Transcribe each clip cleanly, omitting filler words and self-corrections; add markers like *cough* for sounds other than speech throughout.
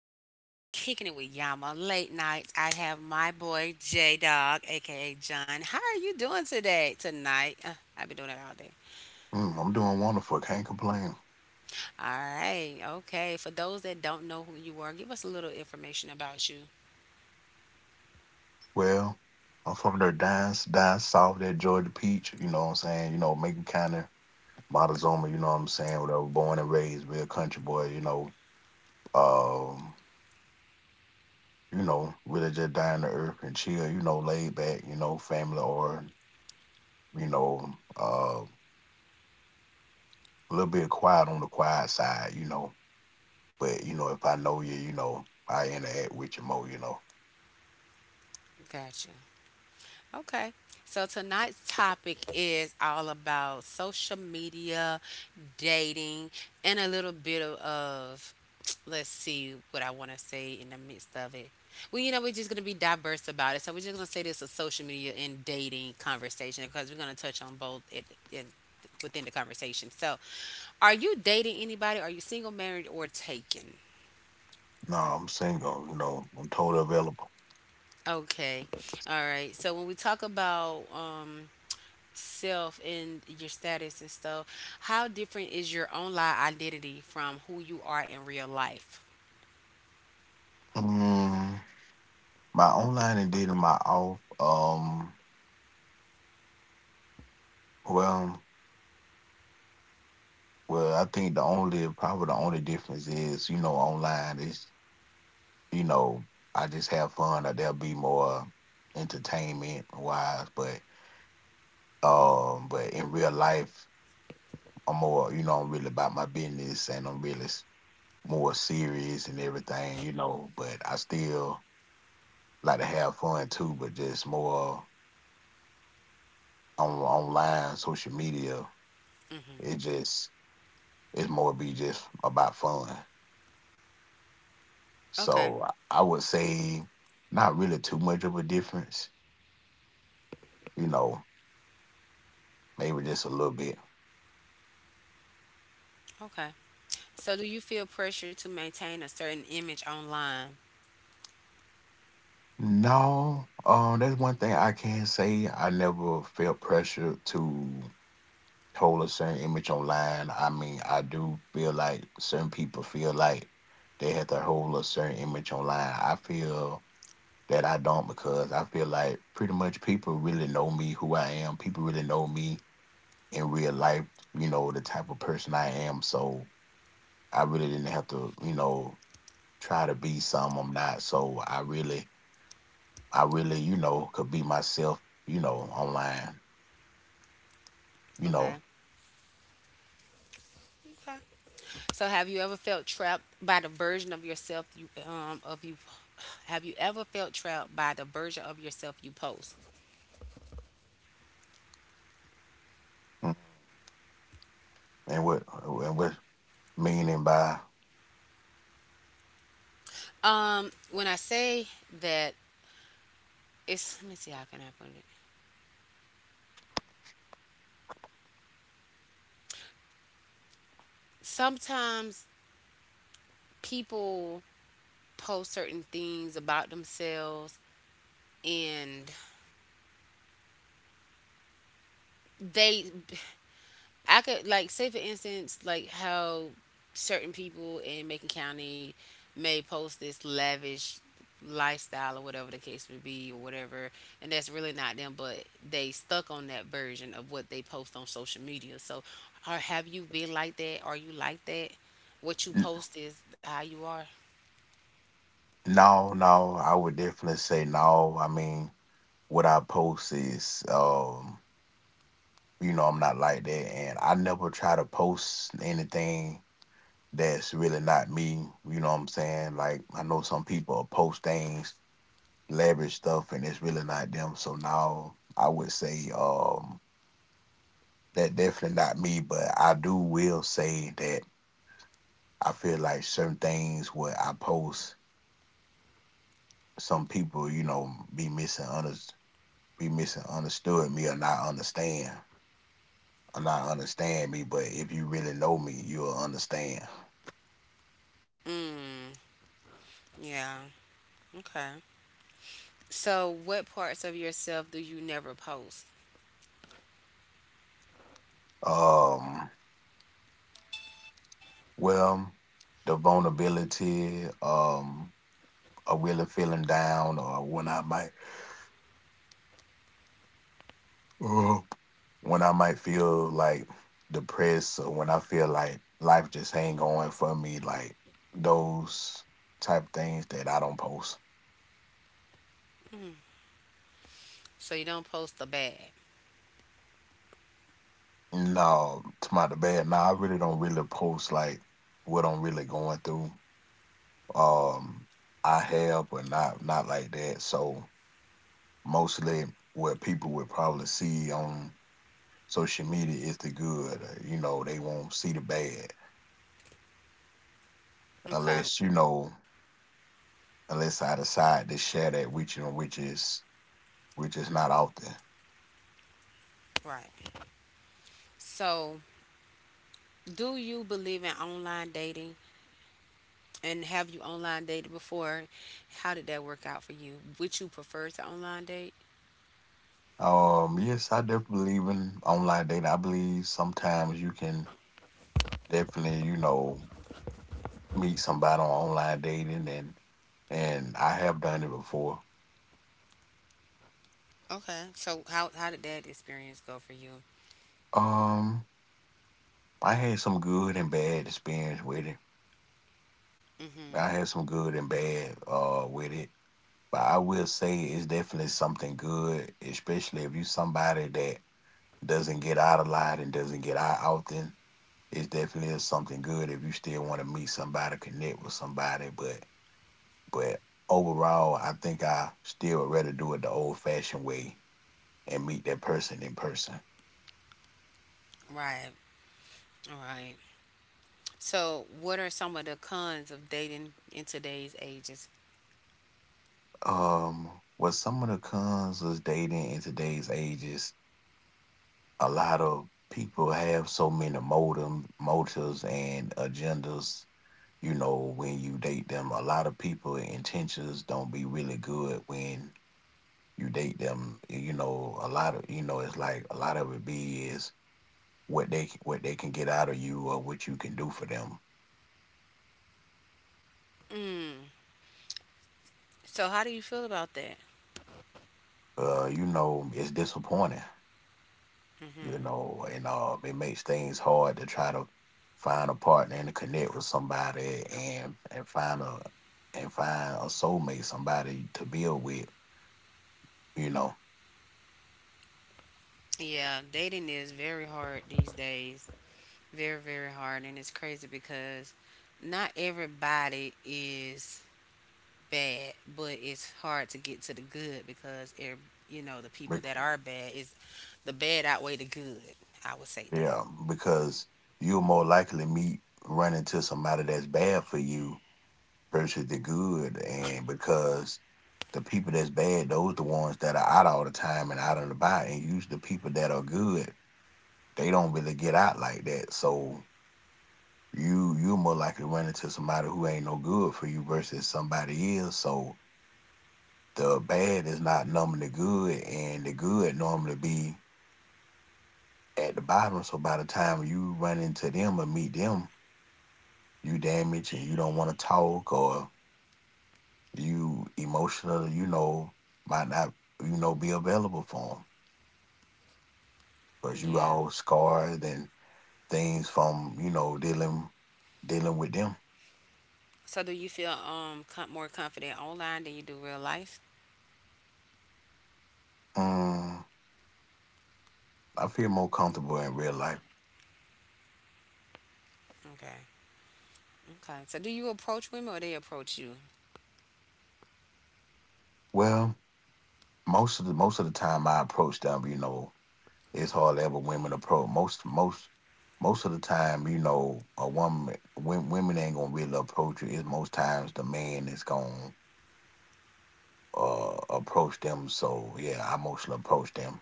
episode of Kicking It with Yama Late Nights. I have my boy J Dog, aka John. How are you doing today? Tonight? I've been doing it all day. Mm, I'm doing wonderful. Can't complain. All right, okay. For those that don't know who you are, give us a little information about you. Well, I'm from there down, down south, that Georgia peach. You know what I'm saying? Macon County, Montezuma. You know what I'm saying? Where I was born and raised, real country boy. Um, really just down to earth and chill. Laid back. Family or you know, uh, a little bit quiet on the quiet side. But if I know you, I interact with you more. You know, Gotcha. Okay. So tonight's topic is all about social media, dating, and a little bit of *tsk* let's see what I want to say in the midst of it. Well, you know, we're just going to be diverse about it. So we're just going to say this is social media and dating conversation because we're going to touch on both it, in, within the conversation. So, are you dating anybody? Are you single, married, or taken? no, I'm single. I'm totally available. Okay. All right. So when we talk about self and your status and stuff, how different is your online identity from who you are in real life? Mm, My online and dating my off. Well, I think the only probably the only difference is, online is, you know I just have fun. Or there'll be more entertainment wise, but in real life, I'm more, I'm really about my business, and I'm really more serious and everything. But I still like to have fun too, but just more on online social media. It Mm-hmm. just It's more, be just about fun. Okay. So I would say not really too much of a difference. You know, maybe just a little bit. Okay. So, do you feel pressure to maintain a certain image online? No, that's one thing I can say. I never felt pressure to hold a certain image online. I mean, I do feel like certain people feel like they have to hold a certain image online. I feel that I don't, because I feel like pretty much people really know me, who I am. People really know me in real life, the type of person I am. So I really didn't have to, try to be some I'm not. So I really, could be myself, online, you Okay. know. Okay. So, have you ever felt trapped by the version of yourself you of you? Have you ever felt trapped by the version of yourself you post? Mm. And what meaning by? When I say that, it's let me see how can I put it. Sometimes people post certain things about themselves and they I could like say for instance like how certain people in Macon County may post this lavish lifestyle or whatever the case would be or whatever and that's really not them but they stuck on that version of what they post on social media so or have you been like that are you like that what you n- post is how you are no, no, I would definitely say no. I mean, what I post is, I'm not like that. And I never try to post anything that's really not me. You know what I'm saying? Like, I know some people post things, leverage stuff, and it's really not them. So now I would say that definitely not me, but I do will say that I feel like certain things what I post, some people, be missing be misunderstood me, or not understand me. But if you really know me, you'll understand. mm yeah okay. So, what parts of yourself do you never post? Um well the vulnerability, or really feeling down, or when I might, uh, when I might feel like depressed, or when I feel like life just ain't going for me, like those type things that I don't post. So, you don't post the bad. No, to my bad. No, I really don't really post like what I'm really going through. Um I have, but not like that. So mostly what people would probably see on social media is the good. You know, they won't see the bad Okay. unless you know unless I decide to share that with you, which is, not often. Right. So, do you believe in online dating? And have you online dated before? How did that work out for you? Would you prefer to online date? Yes, I definitely believe in online dating. I believe sometimes you can definitely, meet somebody on online dating, and I have done it before. Okay. So, how did that experience go for you? Um, I had some good and bad experience with it. I Mm-hmm. had some good and bad with it, but I will say it's definitely something good, especially if you somebody that doesn't get out a lot and doesn't get out often. It's definitely is something good if you still want to meet somebody, connect with somebody. But overall, I think I still would rather do it the old fashioned way and meet that person in person. Right. All right. So, what are some of the cons of dating in today's ages? What some of the cons is dating in today's age is, a lot of people have so many motives and agendas, when you date them. A lot of people intentions don't be really good when you date them. You know, a lot of, it's like a lot of it, be is what they can get out of you, or what you can do for them. Mm. So, how do you feel about that? You know, it's disappointing. You Mm-hmm. know, and it makes things hard to try to find a partner, and to connect with somebody, and find a soulmate, somebody to build with. You know Yeah, dating is very hard these days. Very, very hard. And it's crazy because not everybody is bad, but it's hard to get to the good because, you know, the people that are bad is the bad outweigh the good. I would say that. Yeah, because you'll more likely meet run into somebody that's bad for you, versus the good, and because the people that's bad, those the ones that are out all the time and out and about, and use the people that are good, they don't really get out like that. So you more likely to run into somebody who ain't no good for you versus somebody is. So the bad is not numbing the good, and the good normally be at the bottom. So by the time you run into them or meet them, you damaged and you don't want to talk, or you emotional, might not, be available for them, because you Yeah. all scarred and things from, dealing with them. So do you feel more confident online than you do real life? Mm, I feel more comfortable in real life. Okay. Okay. So do you approach women or they approach you? Well, most of the time I approach them, you know, it's hard to ever women approach. Most of the time, a woman, women ain't gonna really approach you. It's most times the man is gone approach them. So yeah, I mostly approach them.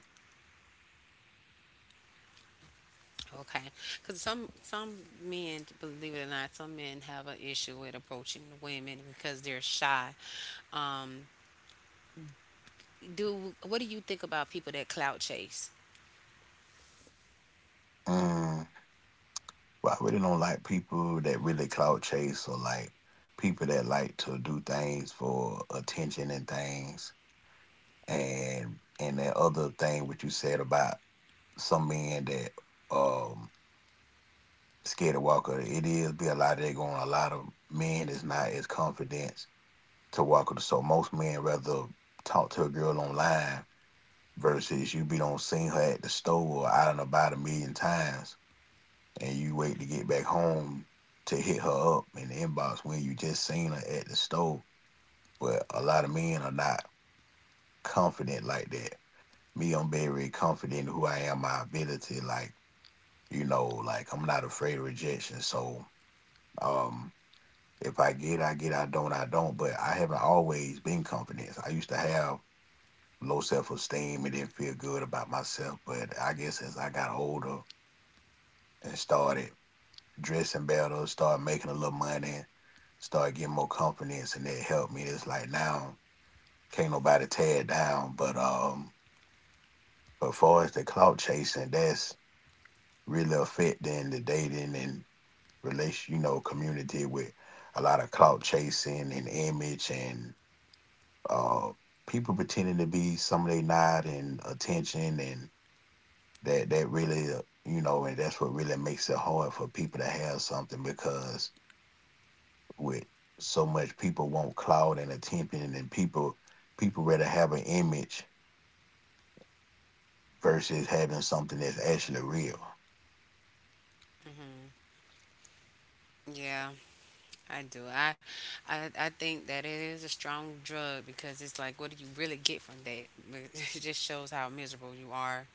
Okay, because some men, believe it or not, some men have an issue with approaching women because they're shy. Um, do what do you think about people that clout chase? Mm, but I really don't like people that really clout chase, or like people that like to do things for attention and things. And that other thing what you said about some men that um scared to walk over, it is, be a lot of that going, a lot of men is not as confident to walk over. So most men rather talk to a girl online versus you been on seen her at the store or out and about a million times, and you wait to get back home to hit her up in the inbox when you just seen her at the store. But a lot of men are not confident like that. Me, I'm very confident in who I am, my ability, like, like I'm not afraid of rejection. So um if I get, I get, I don't, I don't. But I haven't always been confident. I used to have low self esteem and didn't feel good about myself. But I guess as I got older and started dressing better, started making a little money, started getting more confidence, and that helped me. It's like now can't nobody tear it down. But far as the clout chasing, that's really affecting the dating and relation, you know, community, with a lot of clout chasing and image and uh people pretending to be somebody they not, and attention, and that really, you know, and that's what really makes it hard for people to have something, because with so much people want clout and attention, and people rather have an image versus having something that's actually real. Yeah, I do. I think that it is a strong drug because it's like, what do you really get from that? *laughs* It just shows how miserable you are.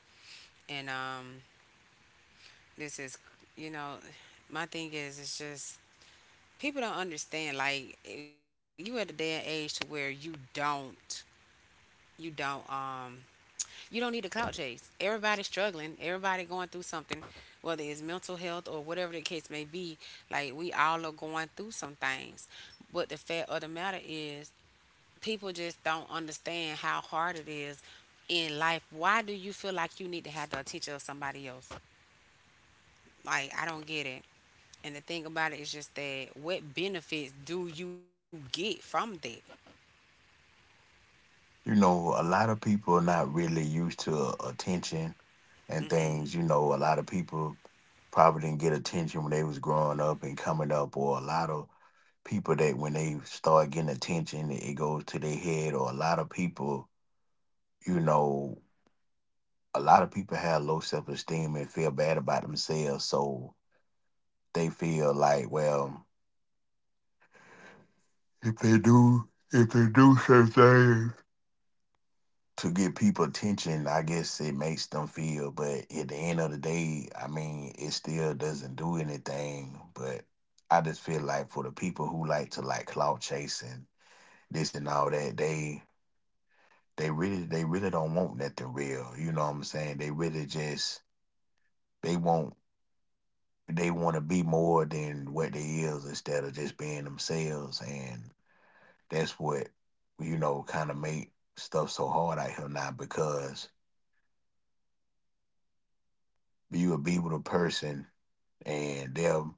And this is, you know, my thing is, it's just people don't understand. Like you at a day and age to where you don't. you don't um you don't need a clout chase. Everybody's struggling, everybody going through something, whether it's mental health or whatever the case may be, like we all are going through some things. But the fact of the matter is people just don't understand how hard it is in life. Why do you feel like you need to have the attention of somebody else? Like I don't get it. And the thing about it is just that what benefits do you get from that? You know, a lot of people are not really used to attention and Mm-hmm. things. You know, a lot of people probably didn't get attention when they was growing up and coming up, or a lot of people that when they start getting attention it goes to their head, or you know, a lot of people have low self esteem and feel bad about themselves. So they feel like, well, if they do certain things to get people attention, I guess it makes them feel. But at the end of the day, I mean, it still doesn't do anything. But I just feel like for the people who like to like clout chasing this and all that, they really don't want nothing real. You know what I'm saying? They really just, they want, to be more than what they is, instead of just being themselves. And. That's what, kind of make stuff so hard out here now, because you will be with a person and they'll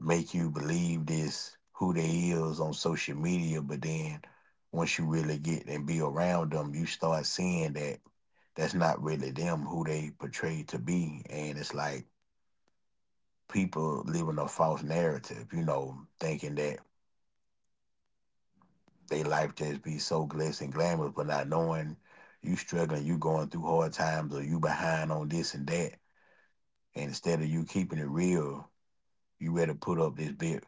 make you believe this who they is on social media, but then once you really get and be around them, you start seeing that that's not really them, who they portrayed to be. And it's like people living a false narrative, you know, thinking that they life just be so glitz and glamorous, but not knowing you struggling, you going through hard times, or you behind on this and that. And instead of you keeping it real, you ready to put up this big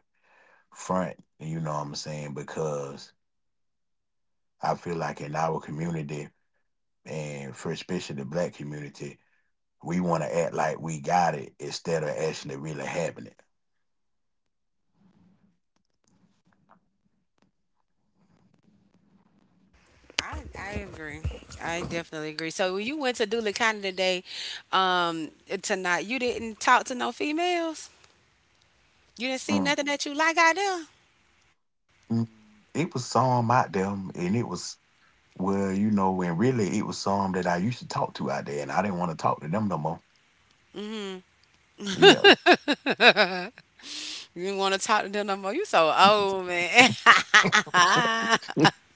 front. You know what I'm saying? Because I feel like in our community, and for especially the black community, we want to act like we got it instead of actually really having it. I agree. I definitely agree. So when you went to Doulacan today, um, tonight, you didn't talk to no females. You didn't see Mm. nothing that you like out there. Mm, It was some out there, and it was well, and really it was some that I used to talk to out there, and I didn't want to talk to them no more. Yeah. You didn't want to talk to them no more. You so old, man. *laughs* *laughs*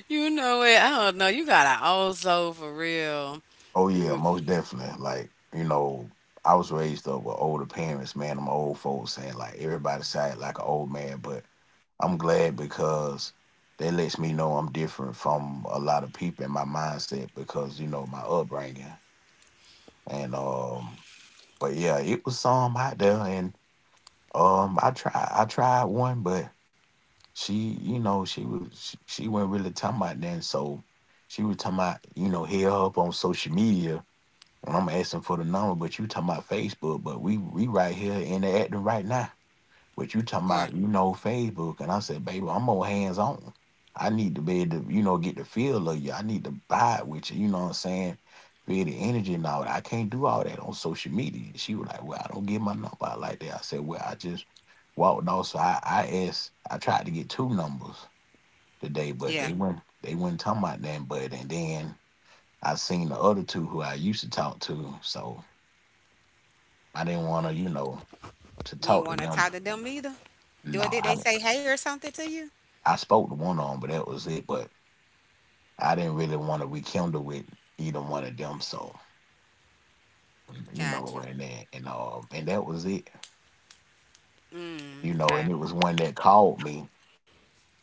You know it. I don't know. You got an old soul for real. Oh yeah, most definitely. Like, I was raised up with older parents, man, and my old folks saying like everybody sounded like an old man, but I'm glad because that lets me know I'm different from a lot of people in my mindset because, my upbringing. And but yeah, it was some out there and I tried one, but she, she wasn't really talking about that. So she was talking about, hit her up on social media. And I'm asking for the number, but you talking about Facebook, but we right here interacting right now. But you talking Right. about, Facebook. And I said, baby, I'm more hands on. I need to be able to, get the feel of you. I need to vibe with you. You know what I'm saying? Feel the energy and all that. I can't do all that on social media. She was like, well, I don't get my number out like that. I said, well, I just walked off. So I tried to get two numbers today, but Yeah. they weren't talking about that. But and then I seen the other two who I used to talk to. So I didn't want to, to You didn't talk to want to them. talk to them either. Or No, did they I say hey or something to you? I spoke to one of them, but that was it. But I didn't really want to rekindle with either one of them. So, you Got know, you. and then and that was it. You Mm, know, and it okay. was one that called me.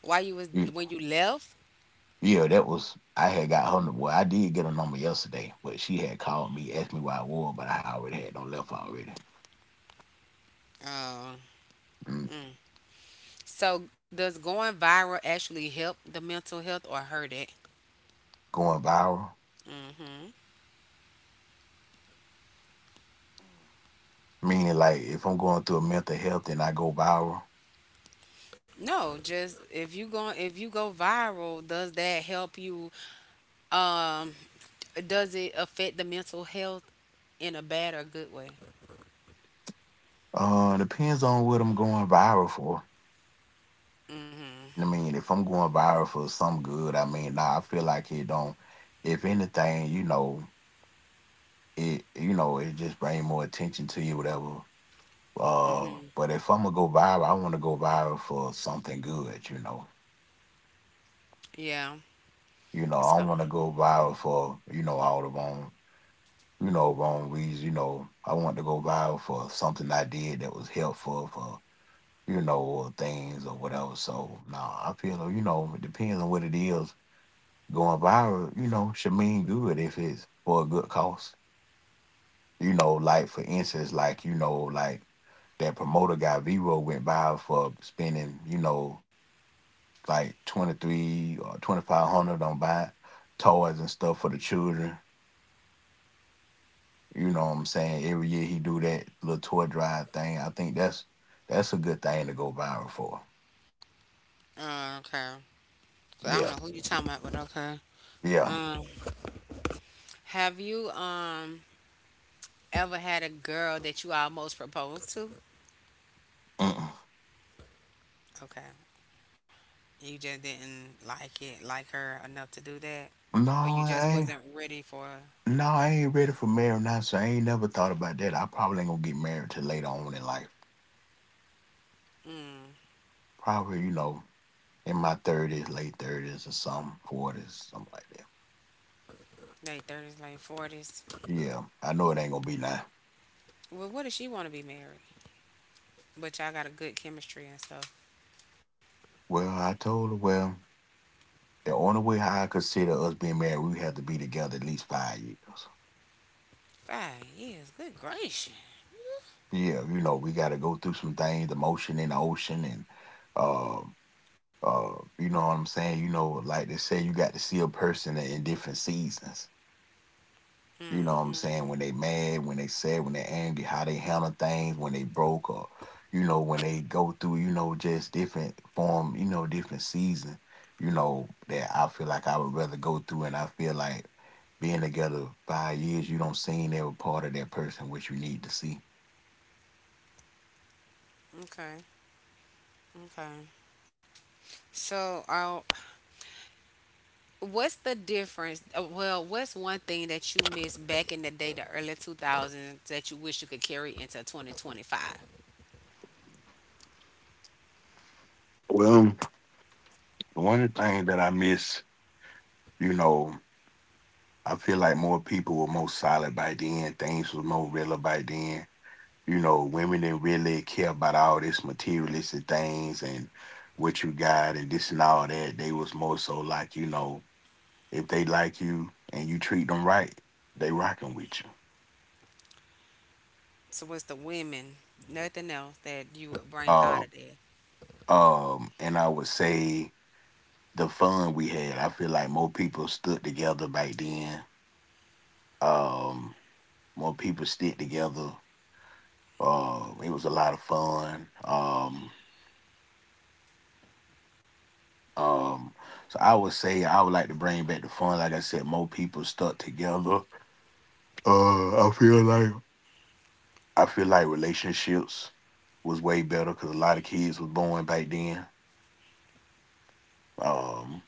Why you was You- when you left? Yeah, that was I had got her. Number- well, I did get her number yesterday, but she had called me, asked me why I was, but I already had no left already. Oh. Mm, So, does going viral actually help the mental health or hurt it? Going viral, Hmm. meaning like if I'm going through a mental health and I go viral? No, just if you go viral, does that help you? Um, does it affect the mental health in a bad or good way? Depends on what I'm going viral for. I mean, if I'm going viral for some good, I mean, nah, I feel like it don't. If anything, it just bring more attention to you, whatever. Hmm. But if I'm gonna go viral, I want to go viral for something good. Yeah. I don't So, want to go viral for all the wrong reasons. I want to go viral for something I did that was helpful for or things or whatever. So, nah, I feel it depends on what it is. Going viral, should mean good if it's for a good cause. Like, for instance, that promoter guy Vero went viral for spending, like 23 or 2,500 on buying toys and stuff for the children. You know what I'm saying? Every year he do that little toy drive thing. I think that's a good thing to go viral for. Okay. 'Cause I don't Yeah, know who you talking about, but okay. yeah. Um, have you ever had a girl that you almost proposed to? Mm-mm. Okay. You just didn't like it, like her enough to do that, No, or you just I ain't wasn't ready for. No, I ain't ready for marriage now, so I ain't never thought about that. I probably ain't gonna get married till later on in life. Mm, Probably, in my thirties, late thirties or something, forties, something like that. late 30s, late 40s. Yeah, I know it ain't gonna be now. Well, what does she want to be married? But y'all got a good chemistry and stuff. Well, I told her, well, the only way how I consider us being married, we have to be together at least 5 years. 5 years, good gracious. Yeah, we gotta go through some things, the motion in the ocean and uh you know what I'm saying? Like they say, you got to see a person in different seasons. You know what I'm Mm-hmm. saying? When they mad, when they sad, when they angry, how they handle things, when they broke or, when they go through, just different form, different season, that I feel like I would rather go through and I feel like being together 5 years, you don't seen every part of that person which you need to see. Okay. Okay. So, what's the difference? Well, what's one thing that you missed back in the day, the early 2000s, that you wish you could carry into 2025? Well, one of the things that I miss, you know, I feel like more people were more solid by then, things was more real by then. Women didn't really care about all this materialistic things and what you got and this and all that. They was more so like, if they like you and you treat them right, they rocking with you. So it's the women, nothing else that you would bring out Uh, of there. And I would say the fun we had, I feel like more people stood together back then. Um, More people stick together. It was a lot of fun. Um, so I would say I would like to bring back the fun. Like I said, more people stuck together. Uh, I feel like I feel like relationships was way better because a lot of kids was born back then. Um,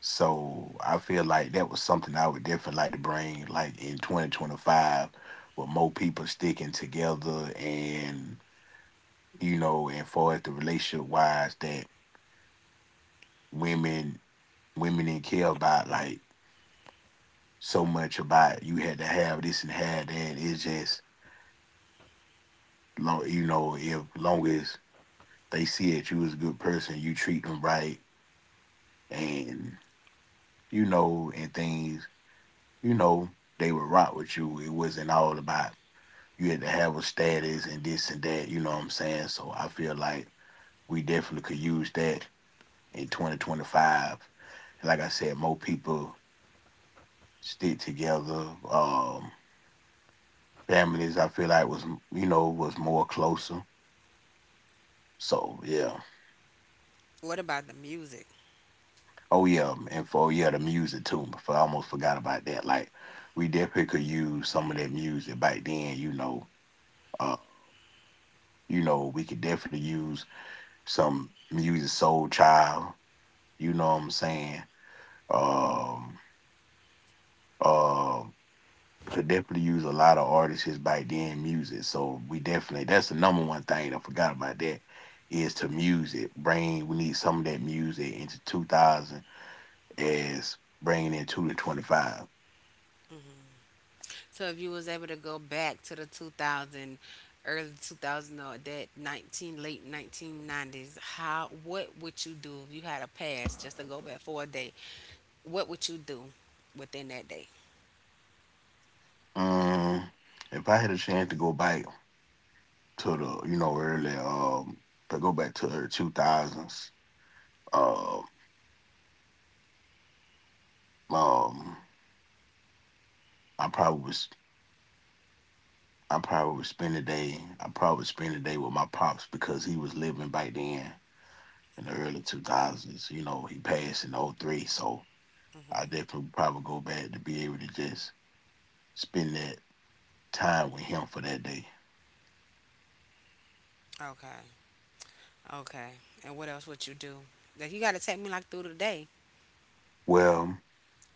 so I feel like that was something I would definitely like to bring, like in 2025, with more people sticking together and and far as the relationship wise that women women didn't care about like so much about you had to have this and have that. It's just long, if long as they see that you is a good person, you treat them right, and and things, you know, they would rock with you. It wasn't all about you had to have a status and this and that, you know what I'm saying? So I feel like we definitely could use that in 2025. And like I said, more people stick together. Families, I feel like was more closer. So yeah. What about the music? Oh yeah, and for yeah, the music too. For I almost forgot about that. Like we definitely could use some of that music back then. Uh, we could definitely use some music, Soul Child. You know what I'm saying? Um, uh, could definitely use a lot of artists back then music. So we definitely that's the number one thing I forgot about that is to music. Bring we need some of that music into 2000 as bringing in two to 25. So if you was able to go back to the 2000, early 2000 or that 19 late 1990s, how what would you do if you had a pass just to go back for a day? What would you do within that day? Um, if I had a chance to go back to the, early, to go back to the two thousands. um, um, I probably was, I probably would spend a day with my pops because he was living back then in the early two thousands. He passed in '03, so I definitely probably go back to be able to just spend that time with him for that day. Okay. Okay. And what else would you do? Like you got to take me like through the day. Well,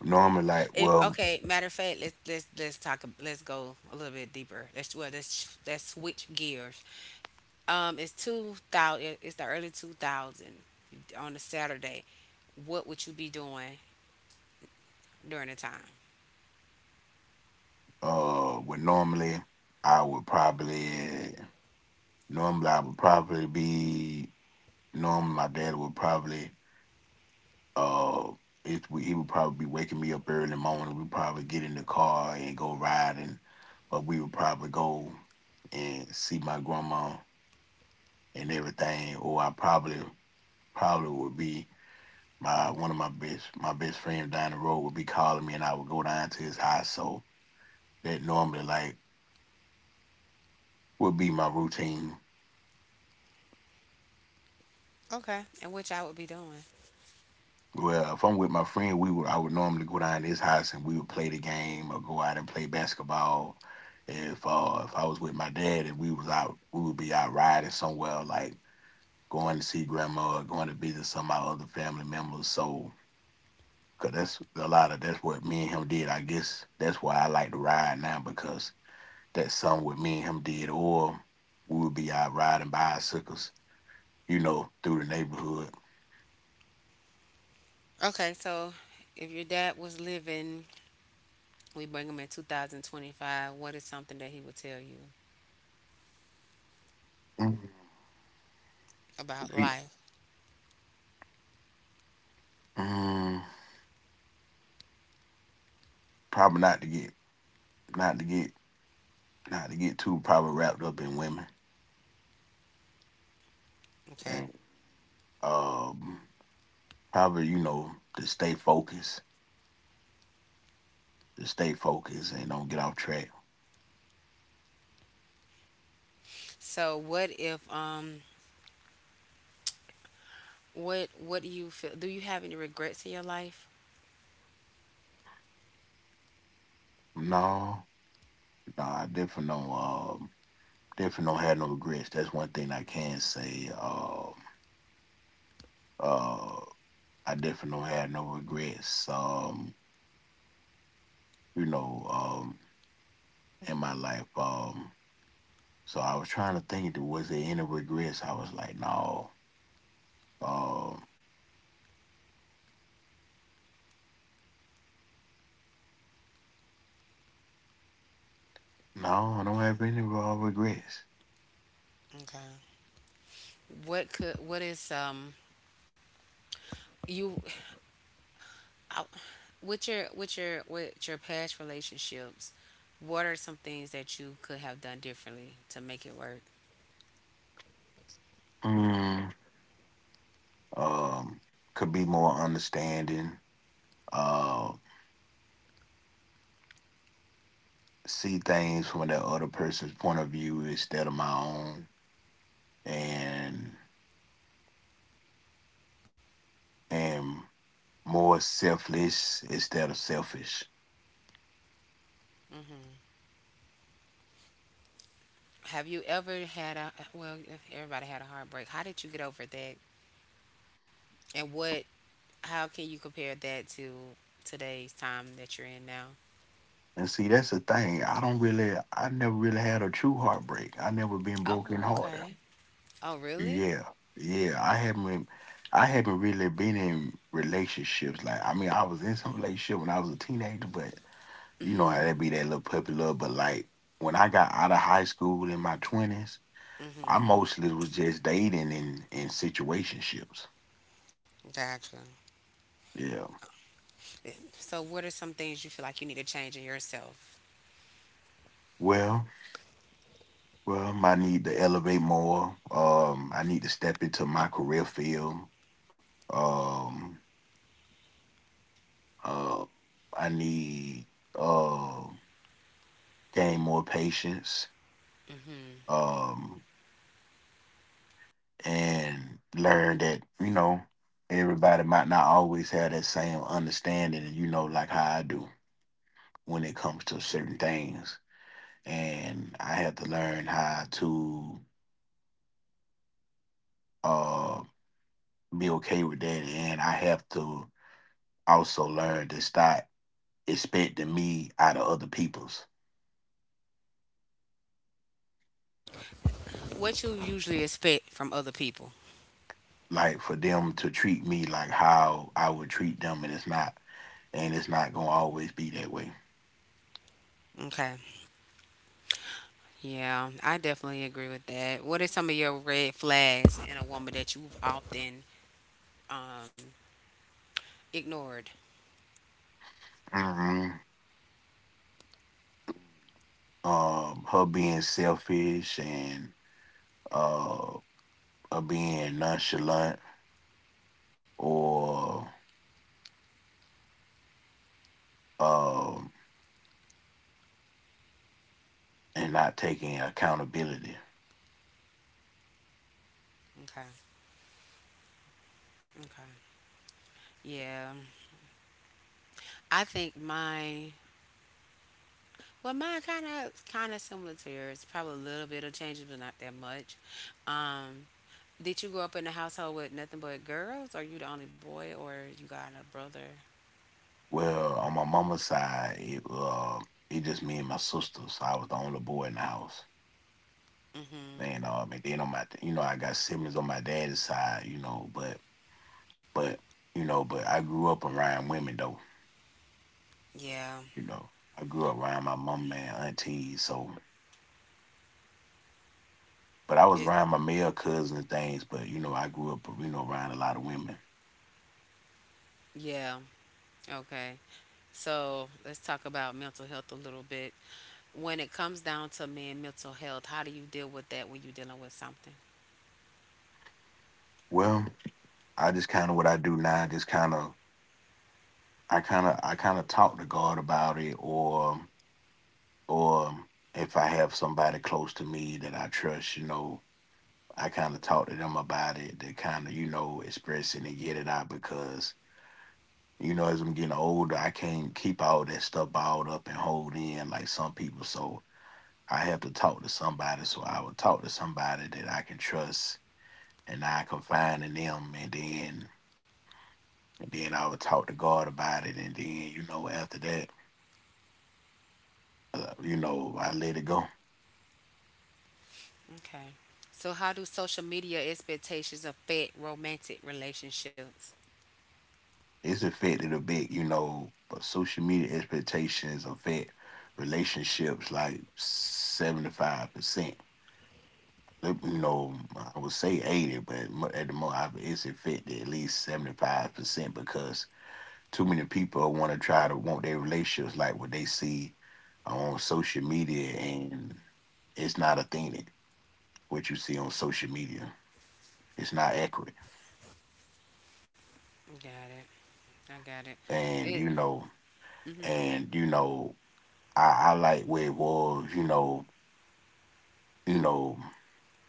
normally, like, If well, okay, matter of fact, let's talk. Let's go a little bit deeper. Let's well, let's switch gears. It's 2000. It's the early 2000 on a Saturday. What would you be doing during the time? Would normally I would probably. Normally, I would probably be. Normally, my dad would probably. Uh, he would probably be waking me up early in the morning. We'd probably get in the car and go riding, or we would probably go and see my grandma and everything. Or I probably would be my one of my best friend down the road would be calling me, and I would go down to his house. So that normally like would be my routine. Okay. And which I would be doing. Well, if I'm with my friend, we would I would normally go down to his house and we would play the game or go out and play basketball. If I was with my dad and we was out, we would be out riding somewhere like going to see grandma or going to visit some of my other family members. So cause that's a lot of that's what me and him did. I guess that's why I like to ride now because that's something what me and him did, or we would be out riding bicycles, through the neighborhood. Okay. So, if your dad was living, we bring him in 2025. What is something that he would tell you? Mm, About If he, life. mm, probably not to get not to get not to get too probably wrapped up in women, Okay. and um probably to stay focused to stay focused and don't get off track. So, what if what what do you feel? Do you have any regrets in your life? No, no, I definitely don't. Definitely don't have no regrets. That's one thing I can say. Uh I definitely don't have no regrets, you know um in my life. So I was trying to think, was there any regrets? I was like, no. um no, I don't have any regrets. Okay. What could what is you I- with your with your past relationships, what are some things that you could have done differently to make it work? Mm, um, could be more understanding. Uh, See things from that other person's point of view instead of my own, and and more selfless instead of selfish. Have you ever had a well? Everybody had a heartbreak. How did you get over that? And what? How can you compare that to today's time that you're in now? And see, that's the thing. I never really had a true heartbreak. I never been broken Oh, hearted. okay. Oh, really? Yeah, yeah. I haven't really been in relationships. Like, I mean, I was in some relationship when I was a teenager, but. You know how that be, that little puppy love, but like when I got out of high school in my twenties, I mostly was just dating in situationships. Gotcha. Yeah. So, what are some things you feel like you need to change in yourself? Well, well, I need to elevate more. I need to step into my career field. Um, uh, I need uh gain more patience. Um, and learn that you know everybody might not always have that same understanding, and you know like how I do when it comes to certain things. And I have to learn how to uh, be okay with that. And I have to also learn to stop expecting me out of other people's. What you usually expect from other people? Like for them to treat me like how I would treat them, and it's not gonna always be that way. Okay. Yeah, I definitely agree with that. What are some of your red flags in a woman that you've often um, ignored? hmm her being selfish and uh, her being nonchalant or uh. and not taking accountability. Okay, okay. Yeah, I think mine. Well, mine kind of similar to yours. Probably a little bit of changes, but not that much. Um, did you grow up in a household with nothing but girls? Are you the only boy, or you got a brother? Well, on my mama's side, it it just me and my sister, so I was the only boy in the house. Mm-hmm. And then on my, you know, I got siblings on my daddy's side, you know, but but you know, but I grew up around women though, Yeah. you know. I grew up around my mama and aunties, so but I was It. around my male cousins and things, but you know, I grew up, you know, around a lot of women. Yeah. Okay. So let's talk about mental health a little bit. When it comes down to men mental health, how do you deal with that when you're dealing with something? Well, I just kind of what I do now, just kind of I kind of talk to God about it, or or if I have somebody close to me that I trust, you know, I kind of talk to them about it. They kind of, you know, express it and get it out because, you know, as I'm getting older, I can't keep all that stuff balled up and hold in like some people. So I have to talk to somebody. So I would talk to somebody that I can trust and I confide in them. And then, I would talk to God about it. And then, you know, after that, you know, I let it go. Okay. So how do social media expectations affect romantic relationships? It's affected a bit, you know, but social media expectations affect relationships like 75%. You know, I would say 80, but mo- at the moment, it's affected at least 75% because too many people want to try to want their relationships like what they see on social media, and it's not a thing that what you see on social media. It's not accurate. Got it. I got it. And, It you know, and, you know, I like where it was, you know, you know,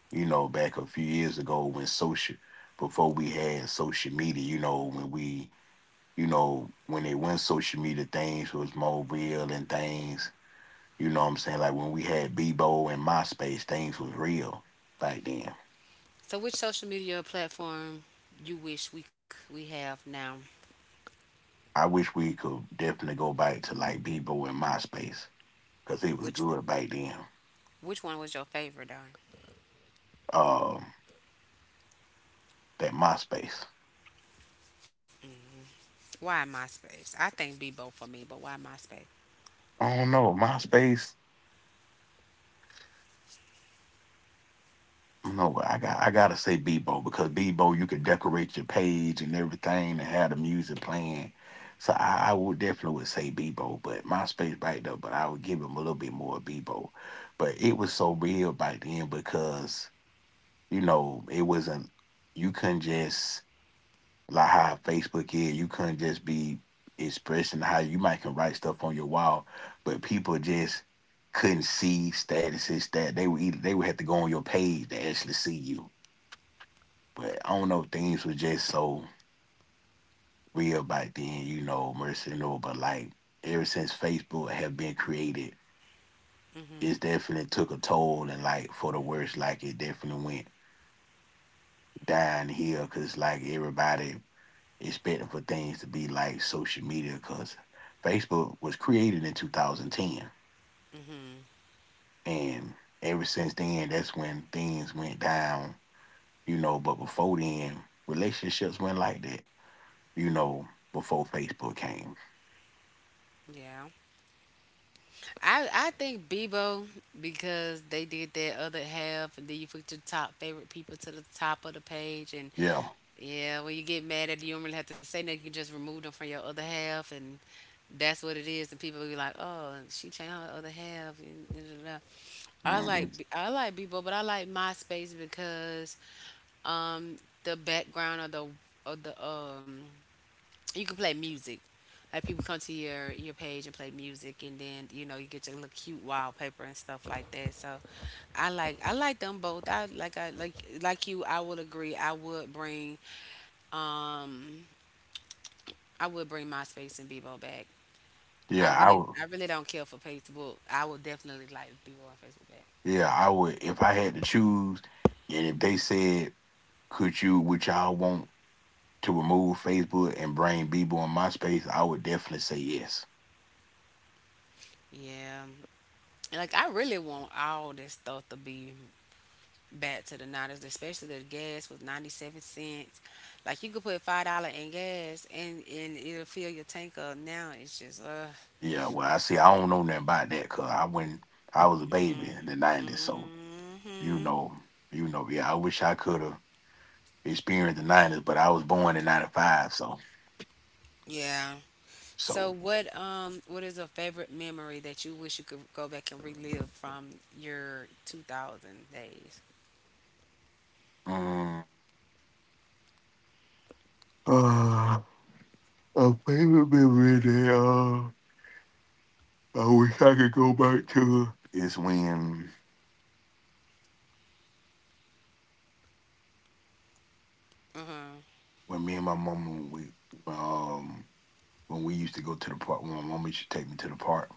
you know, back a few years ago when social, before we had social media, you know, when we, you know, when they went social media, things was more real and things, you know what I'm saying? Like when we had Bebo and MySpace, things was real back then. so which social media platform you wish we we have now? I wish we could definitely go back to like Bebo and MySpace because it was Which good back then. which one was your favorite, Don? Um, that MySpace. Why MySpace? I think be both for me, but why MySpace? I don't know. MySpace. No, but I gotta say Bebo because Bebo you could decorate your page and everything and have the music playing. So I would definitely would say Bebo, but MySpace back though, but I would give him a little bit more Bebo. But it was so real back then because, you know, it wasn't you couldn't just like how Facebook is, you couldn't just be expressing how you might can write stuff on your wall, but people just couldn't see statuses that they would either they would have to go on your page to actually see you. But I don't know, things were just so real back then, you know, mercy and all. But like ever since Facebook have been created, it's Mhm. definitely took a toll and like for the worst, like it definitely went downhill because like everybody expecting for things to be like social media because Facebook was created in 2010. Mhm. And ever since then, that's when things went down, you know. But before then, relationships went like that, you know, before Facebook came. Yeah. I think Bebo because they did that other half, and then you put your top favorite people to the top of the page, and Yeah. yeah, when you get mad at you don't really have to say nothing. You can just remove them from your other half, and that's what it is. And people will be like, "Oh, she changed her other half." And da, da, da, da. Hmm I like Bebo, but I like MySpace because um the background of the you can play music. Like people come to your page and play music, and then you know you get your little cute wallpaper and stuff like that. So, I like them both. I like you, I would agree. Um I would bring MySpace and Bebo back. I Yeah, I really would. I really don't care for Facebook. I would definitely like Bebo and Facebook back. Yeah, I would. If I had to choose, and if they said, "Could you, would y'all want to remove Facebook and bring Bebo on MySpace?" I would definitely say yes. Yeah, like I really want all this stuff to be back to the 90s, especially the gas was 97 cents. Like you could put $5 in gas and it'll fill your tank up. Now it's just. Yeah. Well, I see. I don't know nothing about that because I went. I was a baby Hmm. in the '90s, so you know, you know. Yeah, I wish I could have experienced the '90s, but I was born in '95, so Yeah. So so. What is a favorite memory that you wish you could go back and relive from your 2000s days? Mm, uh, a favorite memory there. I wish I could go back to is when Uh huh. when me and my mama we um when we used to go to the park when my mama used to take me to the park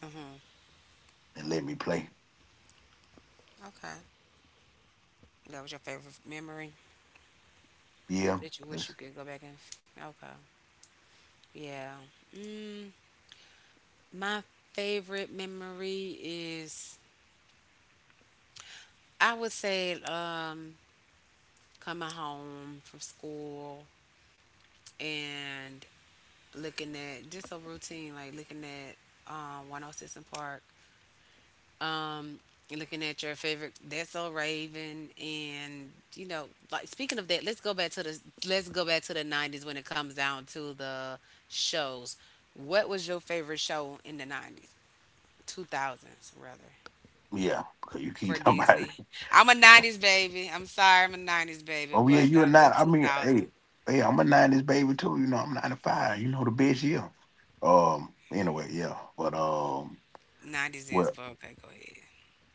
Uh huh. and let me play. Okay. That was your favorite memory Yeah, that you wish you that's- could go back and. Okay. Yeah. Mm, My favorite memory is, I would say, coming home from school and looking at just a routine, like looking at 106 in Park, um, looking at your favorite That's So Raven. And you know, like speaking of that, let's go back to the 90s when it comes down to the shows. What was your favorite show in the 90s, 2000s rather? yeah. Cause you keep *laughs* For talking about Disney. it. I'm a 90s baby. I'm sorry, I'm a 90s baby, Oh yeah, but you a the nine. I mean, hey, 2000 hey, I'm a nineties baby too. You know, I'm 95. You know the best year. Anyway, yeah. But. 90s is, Well. but okay, go ahead.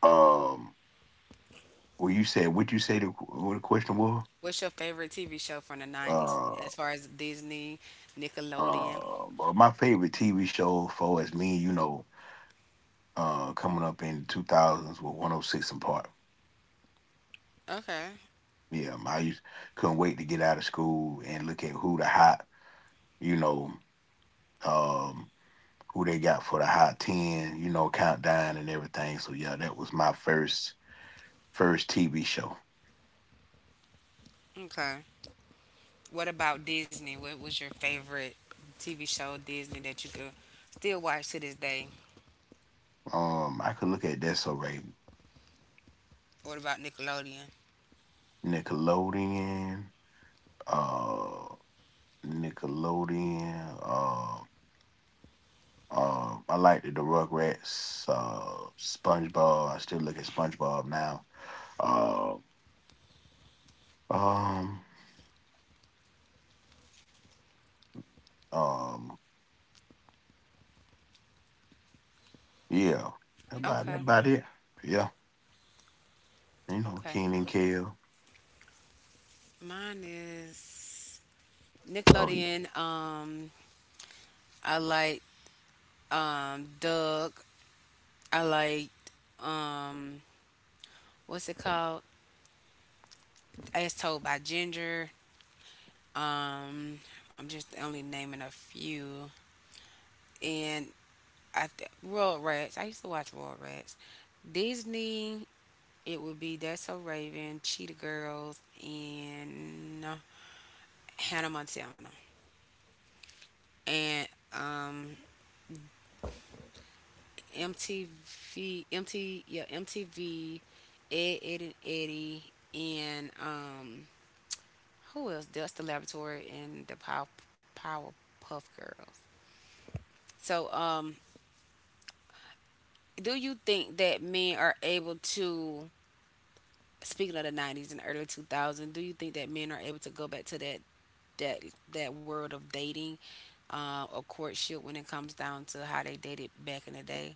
Um. Well, you said what you say the what the question was. What's your favorite TV show from the 90s uh. as far as Disney, Nickelodeon? But my favorite TV show for as me, you know, coming up in the 2000s was 106 and Park. Okay, Yeah, I used, couldn't wait to get out of school and look at who the hot, you know, um, who they got for the hot 10, you know, countdown and everything. So yeah, that was my first TV show. okay. What about Disney? What was your favorite TV show Disney that you could still watch to this day? I could look at that so right. What about Nickelodeon? Nickelodeon, uh, Nickelodeon. I liked the Rugrats, SpongeBob. I still look at SpongeBob now. Um, um, um, yeah. About that Okay, about it. Yeah, you know, okay. Keenan and Kale. Mine is Oh, Nickelodeon. I like Doug. I liked um what's it called? As Told by Ginger. Um I'm just only naming a few. And Royal Rats. I used to watch Royal Rats. Disney, it would be That's So Raven, Cheetah Girls, and Hannah Montana. And um MTV, Ed and Eddie and who else? Dust the Laboratory and the Powerpuff Girls. So, do you think that men are able to? Speaking of the '90s and early 2000s, do you think that men are able to go back to that that that world of dating, or courtship when it comes down to how they dated back in the day?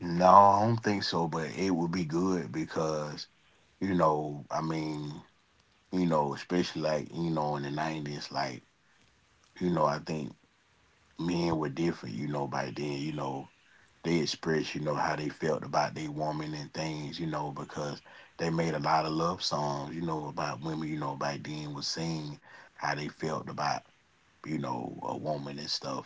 no, I don't think so. But it would be good because you know, I mean, you know, especially like you know in the '90s, like you know, I think men were different, you know, by then, you know, they expressed, you know, how they felt about their woman and things, you know, because they made a lot of love songs, you know, about women, you know, back then was seeing how they felt about, you know, a woman and stuff,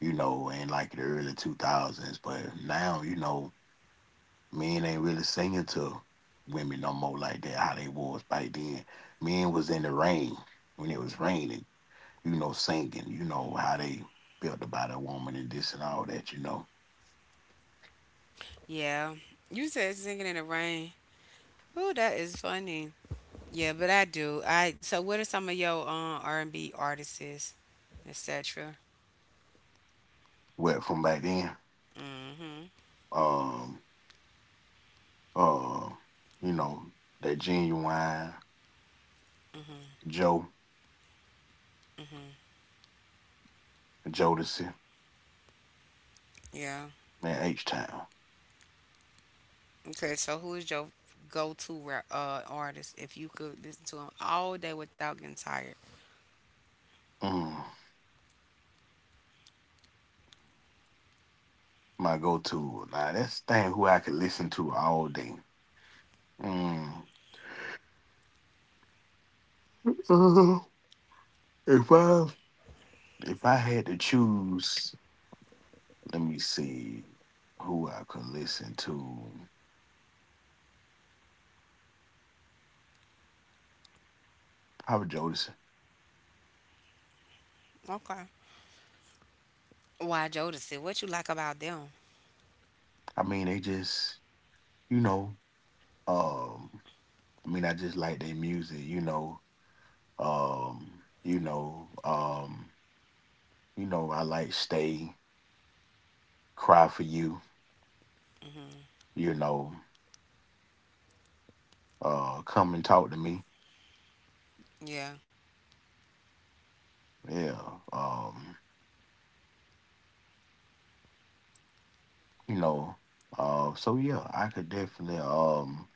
you know, in like the early 2000s. But now, you know, men ain't really singing to women no more like that, how they was back then. Men was in the rain when it was raining you know, singing, you know, how they felt about a woman and this and all that, you know. Yeah, you said singing in the rain. Oh, that is funny. Yeah, but I do. I so what are some of your R and B artists, etc. Well, from back then, Mm-hmm. um, uh, you know, that genuine Joe, Jodeci, Yeah. man, H Town. Okay. So who is your go-to artist if you could listen to them all day without getting tired? Mm, my go to. Now that's the thing who I could listen to all day. Mm. Uh, if I had to choose, let me see who I could listen to. Probably Jodeci. Okay. Why Jodeci? What you like about them? I mean, they just, you know, um I mean, I just like their music, you know. Um, you know, um, you know, I like Stay, Cry for You, you know, Come and Talk to Me. Yeah. Yeah. Um, you know, so yeah, I could definitely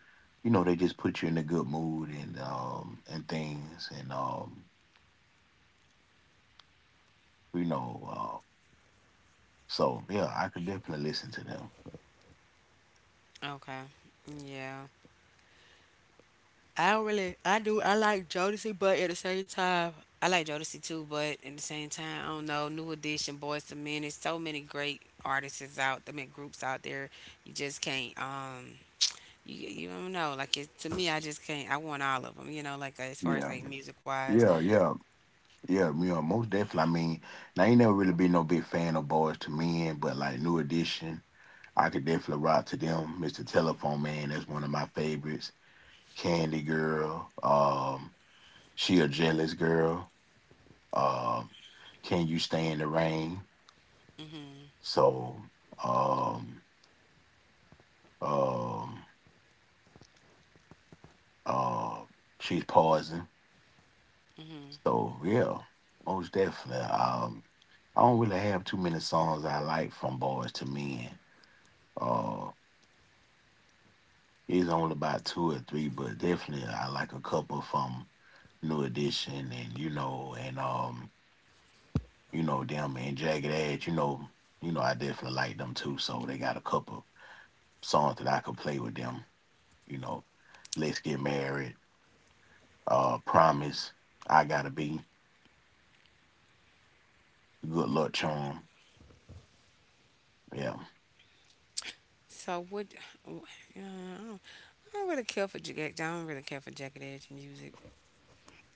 you know, they just put you in a good mood and things and you know, so yeah, I could definitely listen to them. Okay. Yeah. I don't really. I do. I like Jodeci, but at the same time, I like Jodeci too. But at the same time, I don't know. New Edition, Boys to Men. There's so many great artists is out. I mean, groups out there. You just can't. You don't know. Like it, to me, I just can't. I want all of them. You know, like as far as Yeah. like music wise. Yeah, yeah. Yeah, you know, most definitely. I mean, now I ain't never really been no big fan of Boys to Men, but like New Edition, I could definitely rock to them. Mr. Telephone Man, that's one of my favorites. Candy Girl, She a Jealous Girl, um, Can You Stay in the Rain? So, um, um, um, She's Poison. Mhm. So yeah, most definitely. I don't really have too many songs I like from Boys to Men. Uh, He's on about two or three, but definitely I like a couple from New Edition and you know them and Jagged Edge. You know I definitely like them too. So they got a couple songs that I could play with them. You know, Let's Get Married, Promise, I Gotta Be, Good Luck Charm. Yeah, So what? Uh, I don't I don't really care for jagged edge music.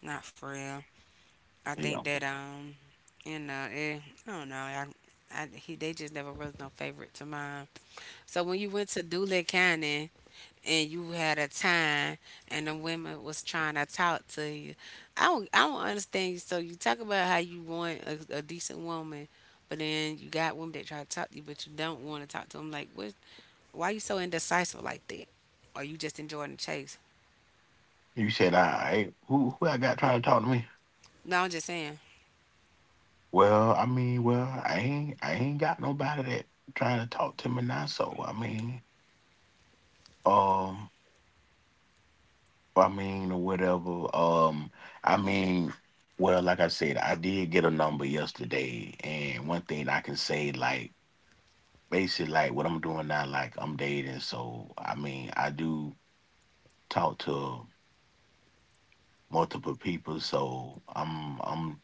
Not for real. I think yeah. that you know, I don't know. I he they just never was no favorite to mine. So when you went to Dooley County and you had a time and the women was trying to talk to you, I don't understand you. So you talk about how you want a decent woman, but then you got women that try to talk to you, but you don't want to talk to them. Like what? Why you so indecisive like that? Are you just enjoying the chase? You said I ain't who I got trying to talk to me? No, I'm just saying. Well, I mean, well, I ain't got nobody that trying to talk to me now. So I mean. Um, I mean, or whatever. I mean, well, like I said, I did get a number yesterday, and one thing I can say, like, basically, like what I'm doing now, like I'm dating, so I mean, I do talk to multiple people, so I'm, I'm,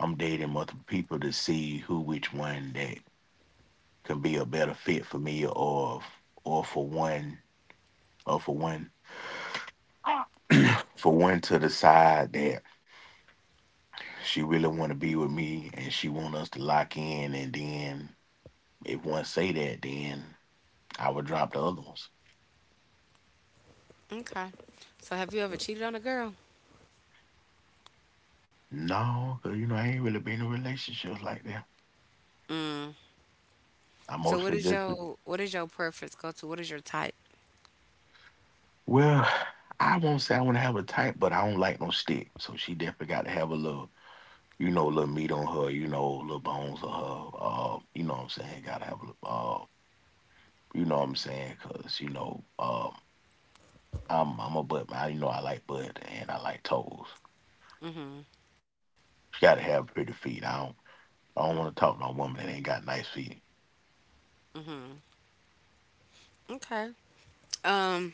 I'm dating multiple people to see who, which one that can be a better fit for me, or, or for one, or for one, *coughs* for one to decide that. She really want to be with me, and she want us to lock in. And then if one say that, then I would drop the other ones. Okay. So have you ever cheated on a girl? No, cause you know I ain't really been in relationships like that. Mm. I So what mostly is your preference go to? What is your type? well, I won't say I want to have a type, but I don't like no stick. So she definitely got to have a little, you know, little meat on her, you know, little bones on her. You know what I'm saying? Gotta have a little, you know what I'm saying? Cause you know, I'm a butt man. You know, I like butt and I like toes. Mhm. She got to have pretty feet. I don't want to talk to no woman that ain't got nice feet. Mhm. Okay. Um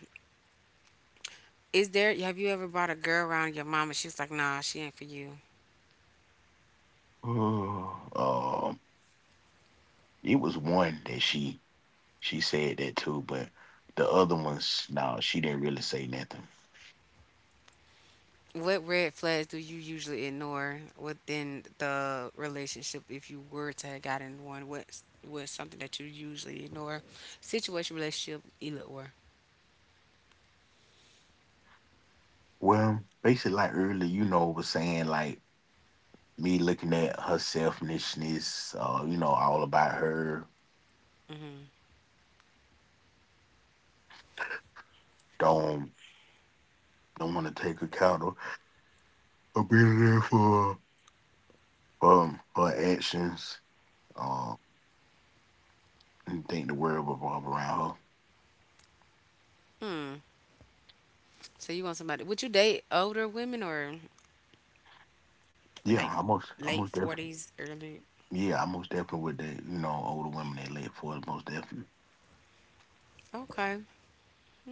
is there have you ever brought a girl around your mom and she's like, "Nah, she ain't for you." *sighs* um, it was one that she said that too, but the other ones, no, she didn't really say nothing. What red flags do you usually ignore within the relationship if you were to have gotten one? What's something that you usually ignore? Situation, relationship, either or. Well, basically, like earlier, you know, was saying like me looking at her selfishness, you know, all about her. Don't don't want to take account of being there for her actions. Um, and think the world revolve around her. Mhm. So you want somebody? Would you date older women or Yeah, like I late most definitely. forties, early? Yeah, I most definitely with the you know older women that led for it most definitely. Okay,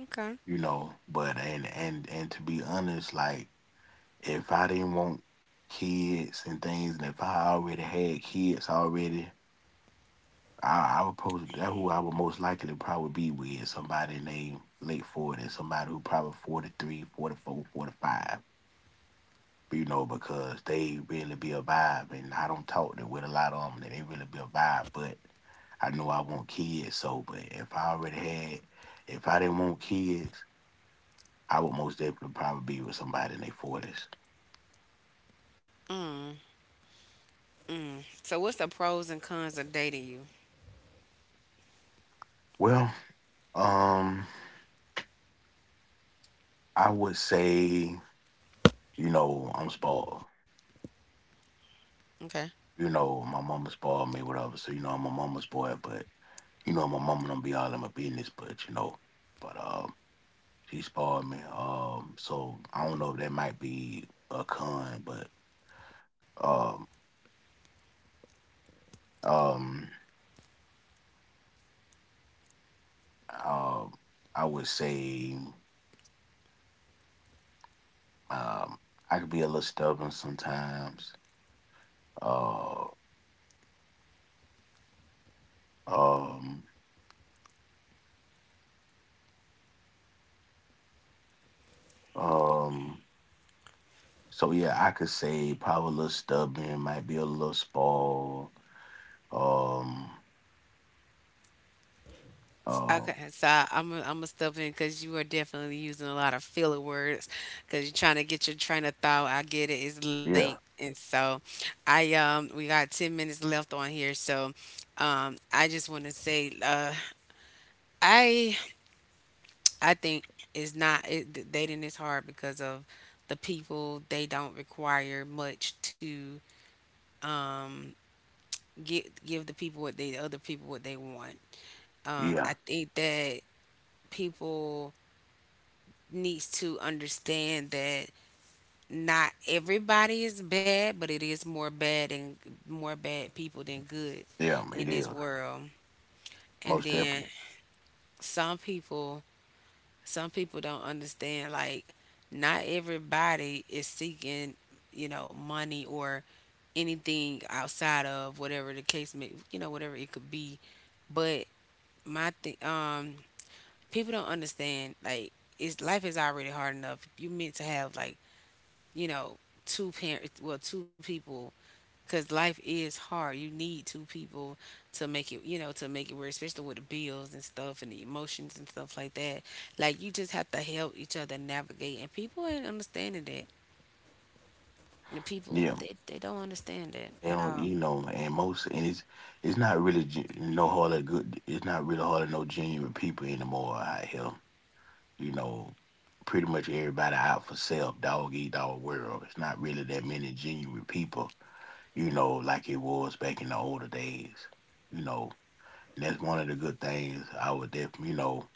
okay. You know, but and to be honest, like if I didn't want kids and things, and if I already had kids already, I would most likely probably be with somebody named late 40, somebody who probably 43, 44, 45. You know, because they really be a vibe, and I don't talk to with a lot of them, and they really be a vibe. But I know I want kids, so but if I already had, if I didn't want kids, I would most definitely probably be with somebody in their 40s. Mm, mm. So what's the pros and cons of dating you? Well, um, I would say, you know, I'm spoiled. Okay. You know, my mama spoiled me, whatever. So you know, I'm a mama's boy, but you know, my mama don't be all in my business, but you know, but. She spoiled me. So I don't know if that might be a con, but um, um, um, I would say um, I could be a little stubborn sometimes. Uh, um, um. So yeah, I could say probably a little stubborn, might be a little spoiled. Um, um, Okay, so I I'm gonna step in because you are definitely using a lot of filler words because you're trying to get your train of thought. I get it, it's late, yeah, and so I we got 10 minutes left on here, so I just want to say I I think it's not it, dating is hard because of the people. They don't require much to um get give the people what they the other people what they want. Yeah, I think that people needs to understand that not everybody is bad, but it is more bad and more bad people than good yeah. in It is this world. And most then definitely. some people some people don't understand like not everybody is seeking, you know, money or anything outside of whatever the case may, you know, whatever it could be. But my thing, people don't understand like it's life is already hard enough. You meant to have like, you know, two parents well two people, because life is hard. You need two people to make it, you know, to make it work, especially with the bills and stuff and the emotions and stuff like that. Like you just have to help each other navigate, and people ain't understanding that. Yeah. They don't understand that They at don't, all. you know, and it's not really no hardly good. It's not really hardly no genuine people anymore out here. You know, pretty much everybody out for self, dog eat dog world. It's not really that many genuine people. You know, like it was back in the older days. You know, and that's one of the good things I would definitely, you know,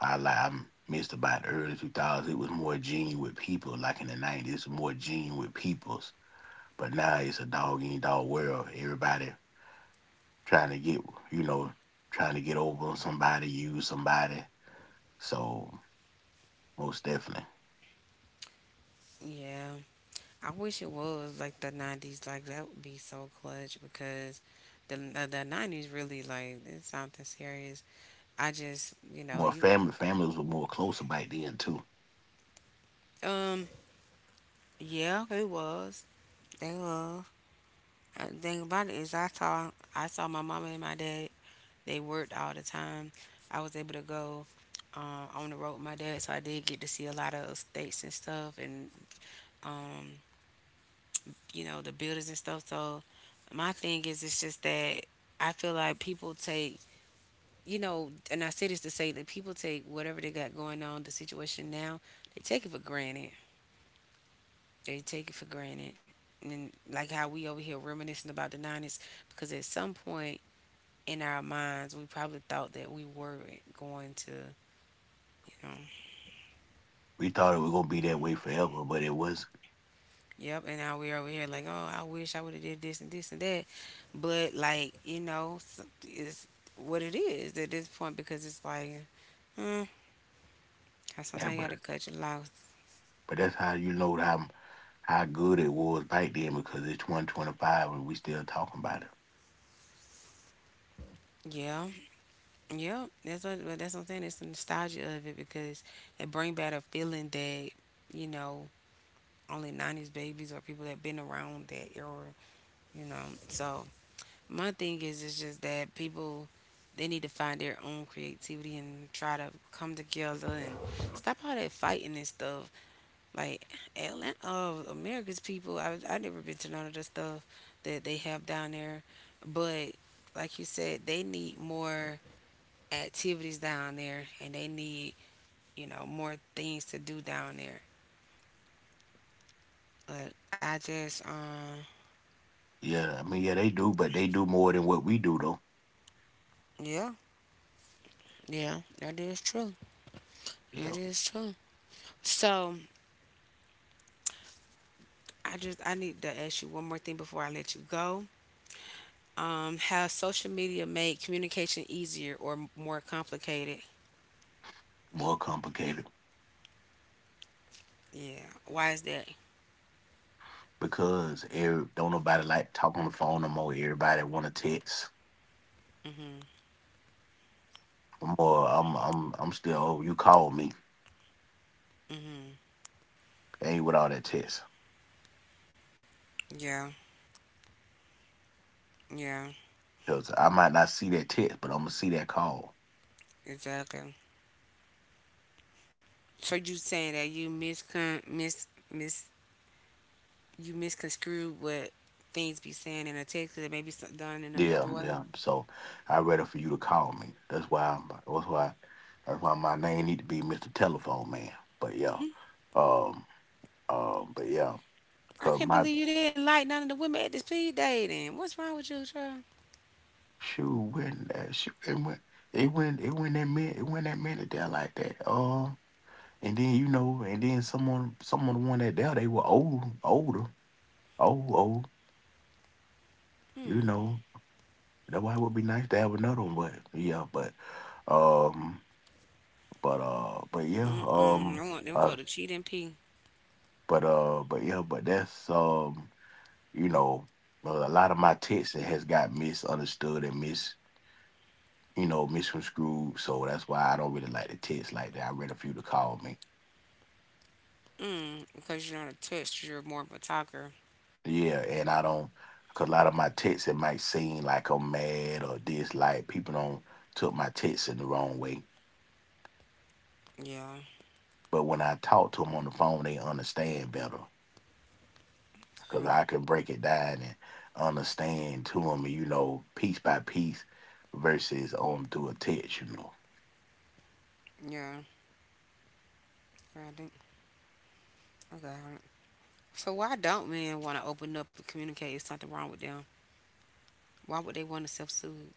I missed about the early 2000s. It was more genuine people. Like in the 90s, more genuine peoples. But now it's a dog eat dog world. Everybody trying to get, you know, trying to get over on somebody, use somebody, so most definitely. Yeah, I wish it was like the '90s. Like that would be so clutch because the '90s really like it's something serious. I just you know More you family, families were more closer back then too. um yeah it was. The thing about it is, I saw my mama and my dad. They worked all the time. I was able to go, on the road with my dad, so I did get to see a lot of states and stuff, and um, you know, the buildings and stuff. So my thing is, it's just that I feel like people take, you know, and I say this to say that people take whatever they got going on, the situation now, they take it for granted. They take it for granted. And like how we over here reminiscing about the 90s, because at some point in our minds, we probably thought that we weren't going to, you know. We thought it was gonna be that way forever, but it wasn't. Yep, and now we're over here like, oh, I wish I would have did this and this and that, but like, you know, it's what it is at this point because it's like, hmm, and sometimes you but, gotta cut your loss. but that's how you know how good it was back then, because it's 2025 and we still talking about it. Yeah, yep. But that's what I'm saying. It's the nostalgia of it because it bring back a feeling that, you know, only '90s babies or people that been around that era, you know. So my thing is, just that people, they need to find their own creativity and try to come together and stop all that fighting and stuff. Like Atlanta, America's people, I never been to none of the stuff that they have down there, but like you said, they need more activities down there, and they need, you know, more things to do down there. But I just, Yeah, I mean, yeah, they do, but they do more than what we do though. yeah, yeah, that is true. That Yeah is true. So I need to ask you one more thing before I let you go. Has social media made communication easier or more complicated? more complicated, Yeah. Why is that? because every, don't nobody like to talk on the phone no more, everybody want to text. Mhm. I'm I'm still, oh, you called me. Mhm. Ain't with all that text. Yeah. Yeah. Cause I might not see that text, but I'm gonna see that call. Exactly. So you saying that you miscon mis mis you misconstrue what things be saying in a text that may be done in Yeah, another way? yeah. So I rather for you to call me. That's why I'm that's why my name need to be Mr. Telephone Man. But yeah. Um but yeah, cause I can't my believe you didn't like none of the women at the speed dating. What's wrong with you, child? shoe when that shoe it went it went it went that minute, there like that. And then you know, and then someone the one that there, they were older. Old old, you know. That's why it would be nice to have another one, but yeah, but um but yeah, Mm-mm. I want them uh for the cheat and pee. But yeah, but that's you know a lot of my text that has got misunderstood and mis you know, misconstrued, so that's why I don't really like the text like that. I read a few to call me. Mm, because you're not a touch, you're more of a talker. Yeah, and I don't, cause a lot of my texts it might seem like I'm mad or dislike. People don't took my texts in the wrong way. Yeah. But when I talk to them on the phone, they understand better, because Huh? I can break it down and understand to them, you know, piece by piece, versus on through a text, you know. Yeah. I think I got it. So why don't men want to open up and communicate? It's something wrong with them. Why would they want to self-soothe?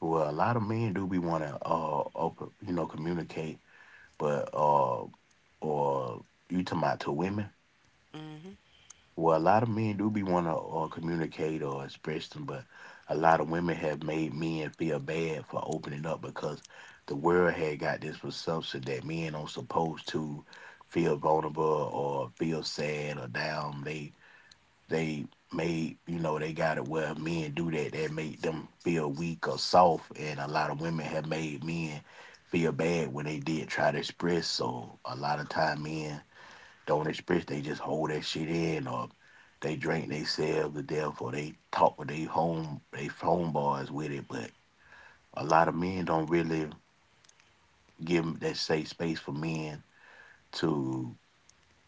Well, a lot of men do be want to, open, you know, communicate, but, or you talking about to women? Mm-hmm. Well, a lot of men do be want to communicate or express them, but a lot of women have made men feel bad for opening up, because the world had got this presumption that men are supposed to feel vulnerable or feel sad or down. They made, you know, they got it where men do that, that make them feel weak or soft, and a lot of women have made men feel bad when they did try to express. So a lot of time men don't express. They just hold that shit in, or they drink themselves to death, or they talk with they homeboys with it. But a lot of men don't really give 'em that safe space for men to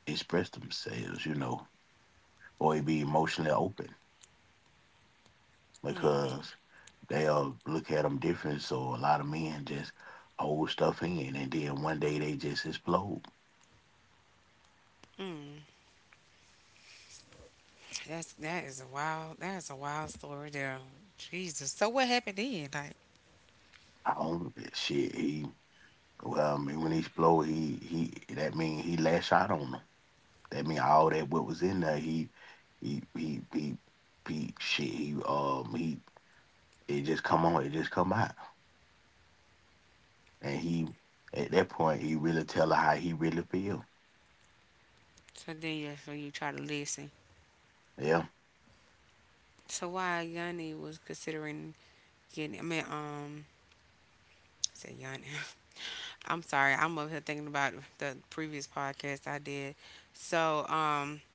express themselves, you know, or be emotionally open, Mm, because they'll look at them different. So a lot of men just hold stuff in, and then one day they just explode. mm. That is a wild story there. Jesus. So what happened then? Like. I own that shit. He well, I mean, when he explode, he that mean he lash out on them. That mean all that what was in there, he he he he shit, he it just come on, it just come out. And he, at that point he really tell her how he really feel. So then, yeah. So you try to listen. Yeah. So why Yanni was considering getting? I mean, I said Yanni. *laughs* I'm sorry. I'm over here thinking about the previous podcast I did. So,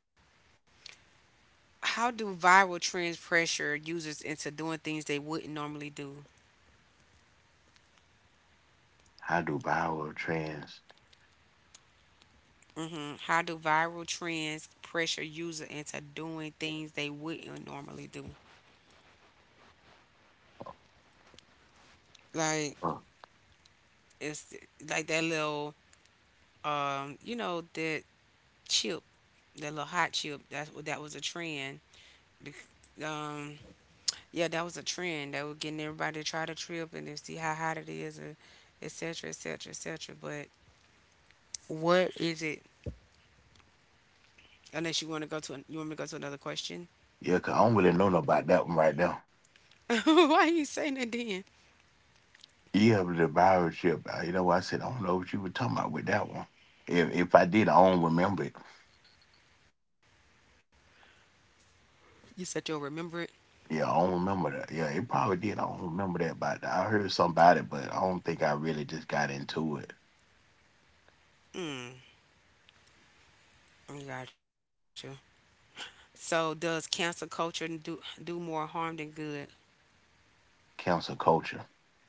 how do viral trends pressure users into doing things they wouldn't normally do? How do viral trans, How do viral trends pressure user into doing things they wouldn't normally do? Like uh, it's like that little, you know, that chip, that little hot chip. That was a trend. Bec- Um, yeah, that was a trend. They were getting everybody to try the trip and then see how hot it is, and et cetera, et cetera, et cetera. But what is it? Unless you want to go to an, you want me to go to another question. yeah, cause I don't really know no about that one right now. *laughs* Why you saying that then? Yeah, but the viral ship, you know what I said, I don't know what you were talking about with that one. If I did, I don't remember it. You said you'll remember it. Yeah, I don't remember that. Yeah, it probably did. I don't remember that, but I heard somebody, but I don't think I really just got into it. Mm, I got you. So does cancel culture do more harm than good? Council culture,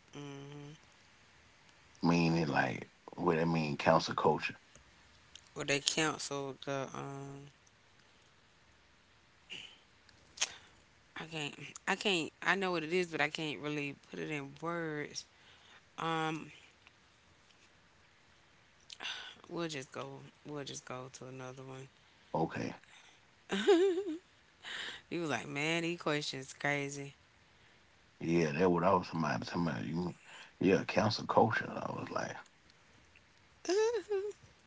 Mm, meaning like what, I mean, council culture. well, they cancel the I can't. I can't. I know what it is, but I can't really put it in words. Um, we'll just go. We'll just go to another one. Okay, *laughs* You were like, man, these questions crazy. yeah, that what I was somebody talking about. You mean, yeah, council culture. I was like, *laughs*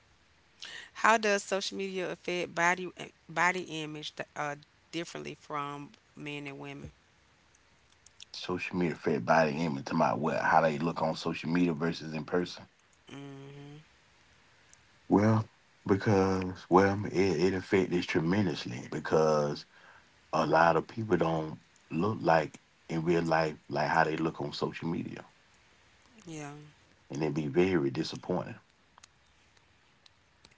How does social media affect body image, differently from men and women? social media fit body image. Talking about what how they look on social media versus in person. Mhm. Well, it it affected tremendously, because a lot of people don't look like in real life like how they look on social media, Yeah. and it be very disappointing.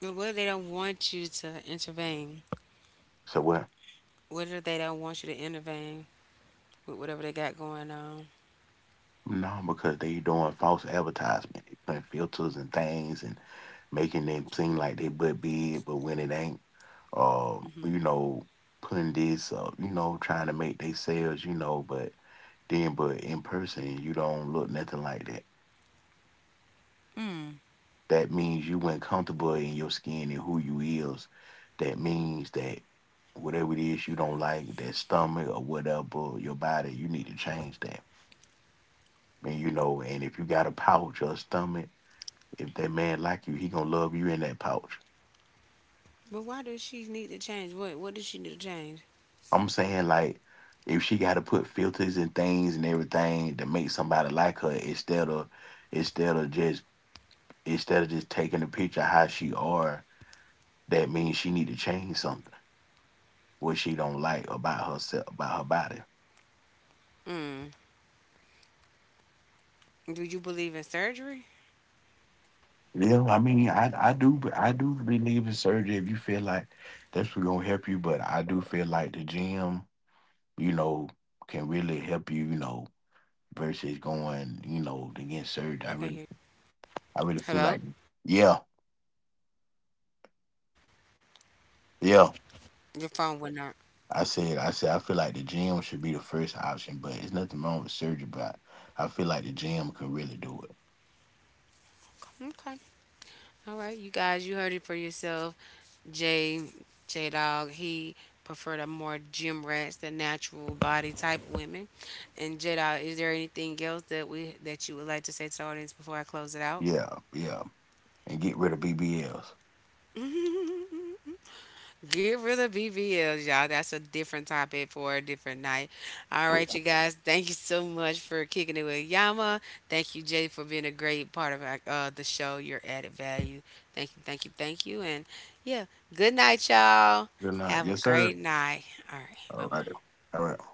But what if they don't want you to intervene? So what? What if they don't want you to intervene with whatever they got going on? No, because they doing false advertisement. They putting filters and things and making them seem like they butt big, but when it ain't, you know, putting this up, you know, trying to make they sales, you know, but then but in person you don't look nothing like that. Mm. That means you ain't comfortable in your skin and who you is. That means that whatever it is you don't like, that stomach or whatever, your body, you need to change that. And you know, and if you got a pouch or a stomach, if that man like you, he gonna love you in that pouch. But why does she need to change? What does she need to change? I'm saying like if she gotta put filters and things and everything to make somebody like her, instead of just instead of just taking a picture of how she are, that means she need to change something, what she don't like about herself, about her body. Mm. Do you believe in surgery? Yeah, I mean, I do believe in surgery if you feel like that's what gonna help you, but I do feel I can't like hear the you. gym, you know, Hello. can really help you, you know, versus Hello. going, you know, to get surgery. I really Hello. feel like, yeah, yeah. Your phone would not. I said, I feel like the gym should be the first option, but it's nothing wrong with surgery. But I feel like the gym could really do it. Okay. All right, you guys, you heard it for yourself. J J Dog, he preferred a more gym rats, the natural body type women. And J Dog, is there anything else that we that you would like to say to the audience before I close it out? Yeah, yeah, and get rid of BBLs. *laughs* Get rid of BBLs, y'all. That's a different topic for a different night. All right, you guys. Thank you so much for kicking it with Yama. Thank you, Jay, for being a great part of the show. Your added value. Thank you, thank you, thank you. And yeah, good night, y'all. They're not. Have a Yes, sir. great night. All right. Bye All right. bye. All right.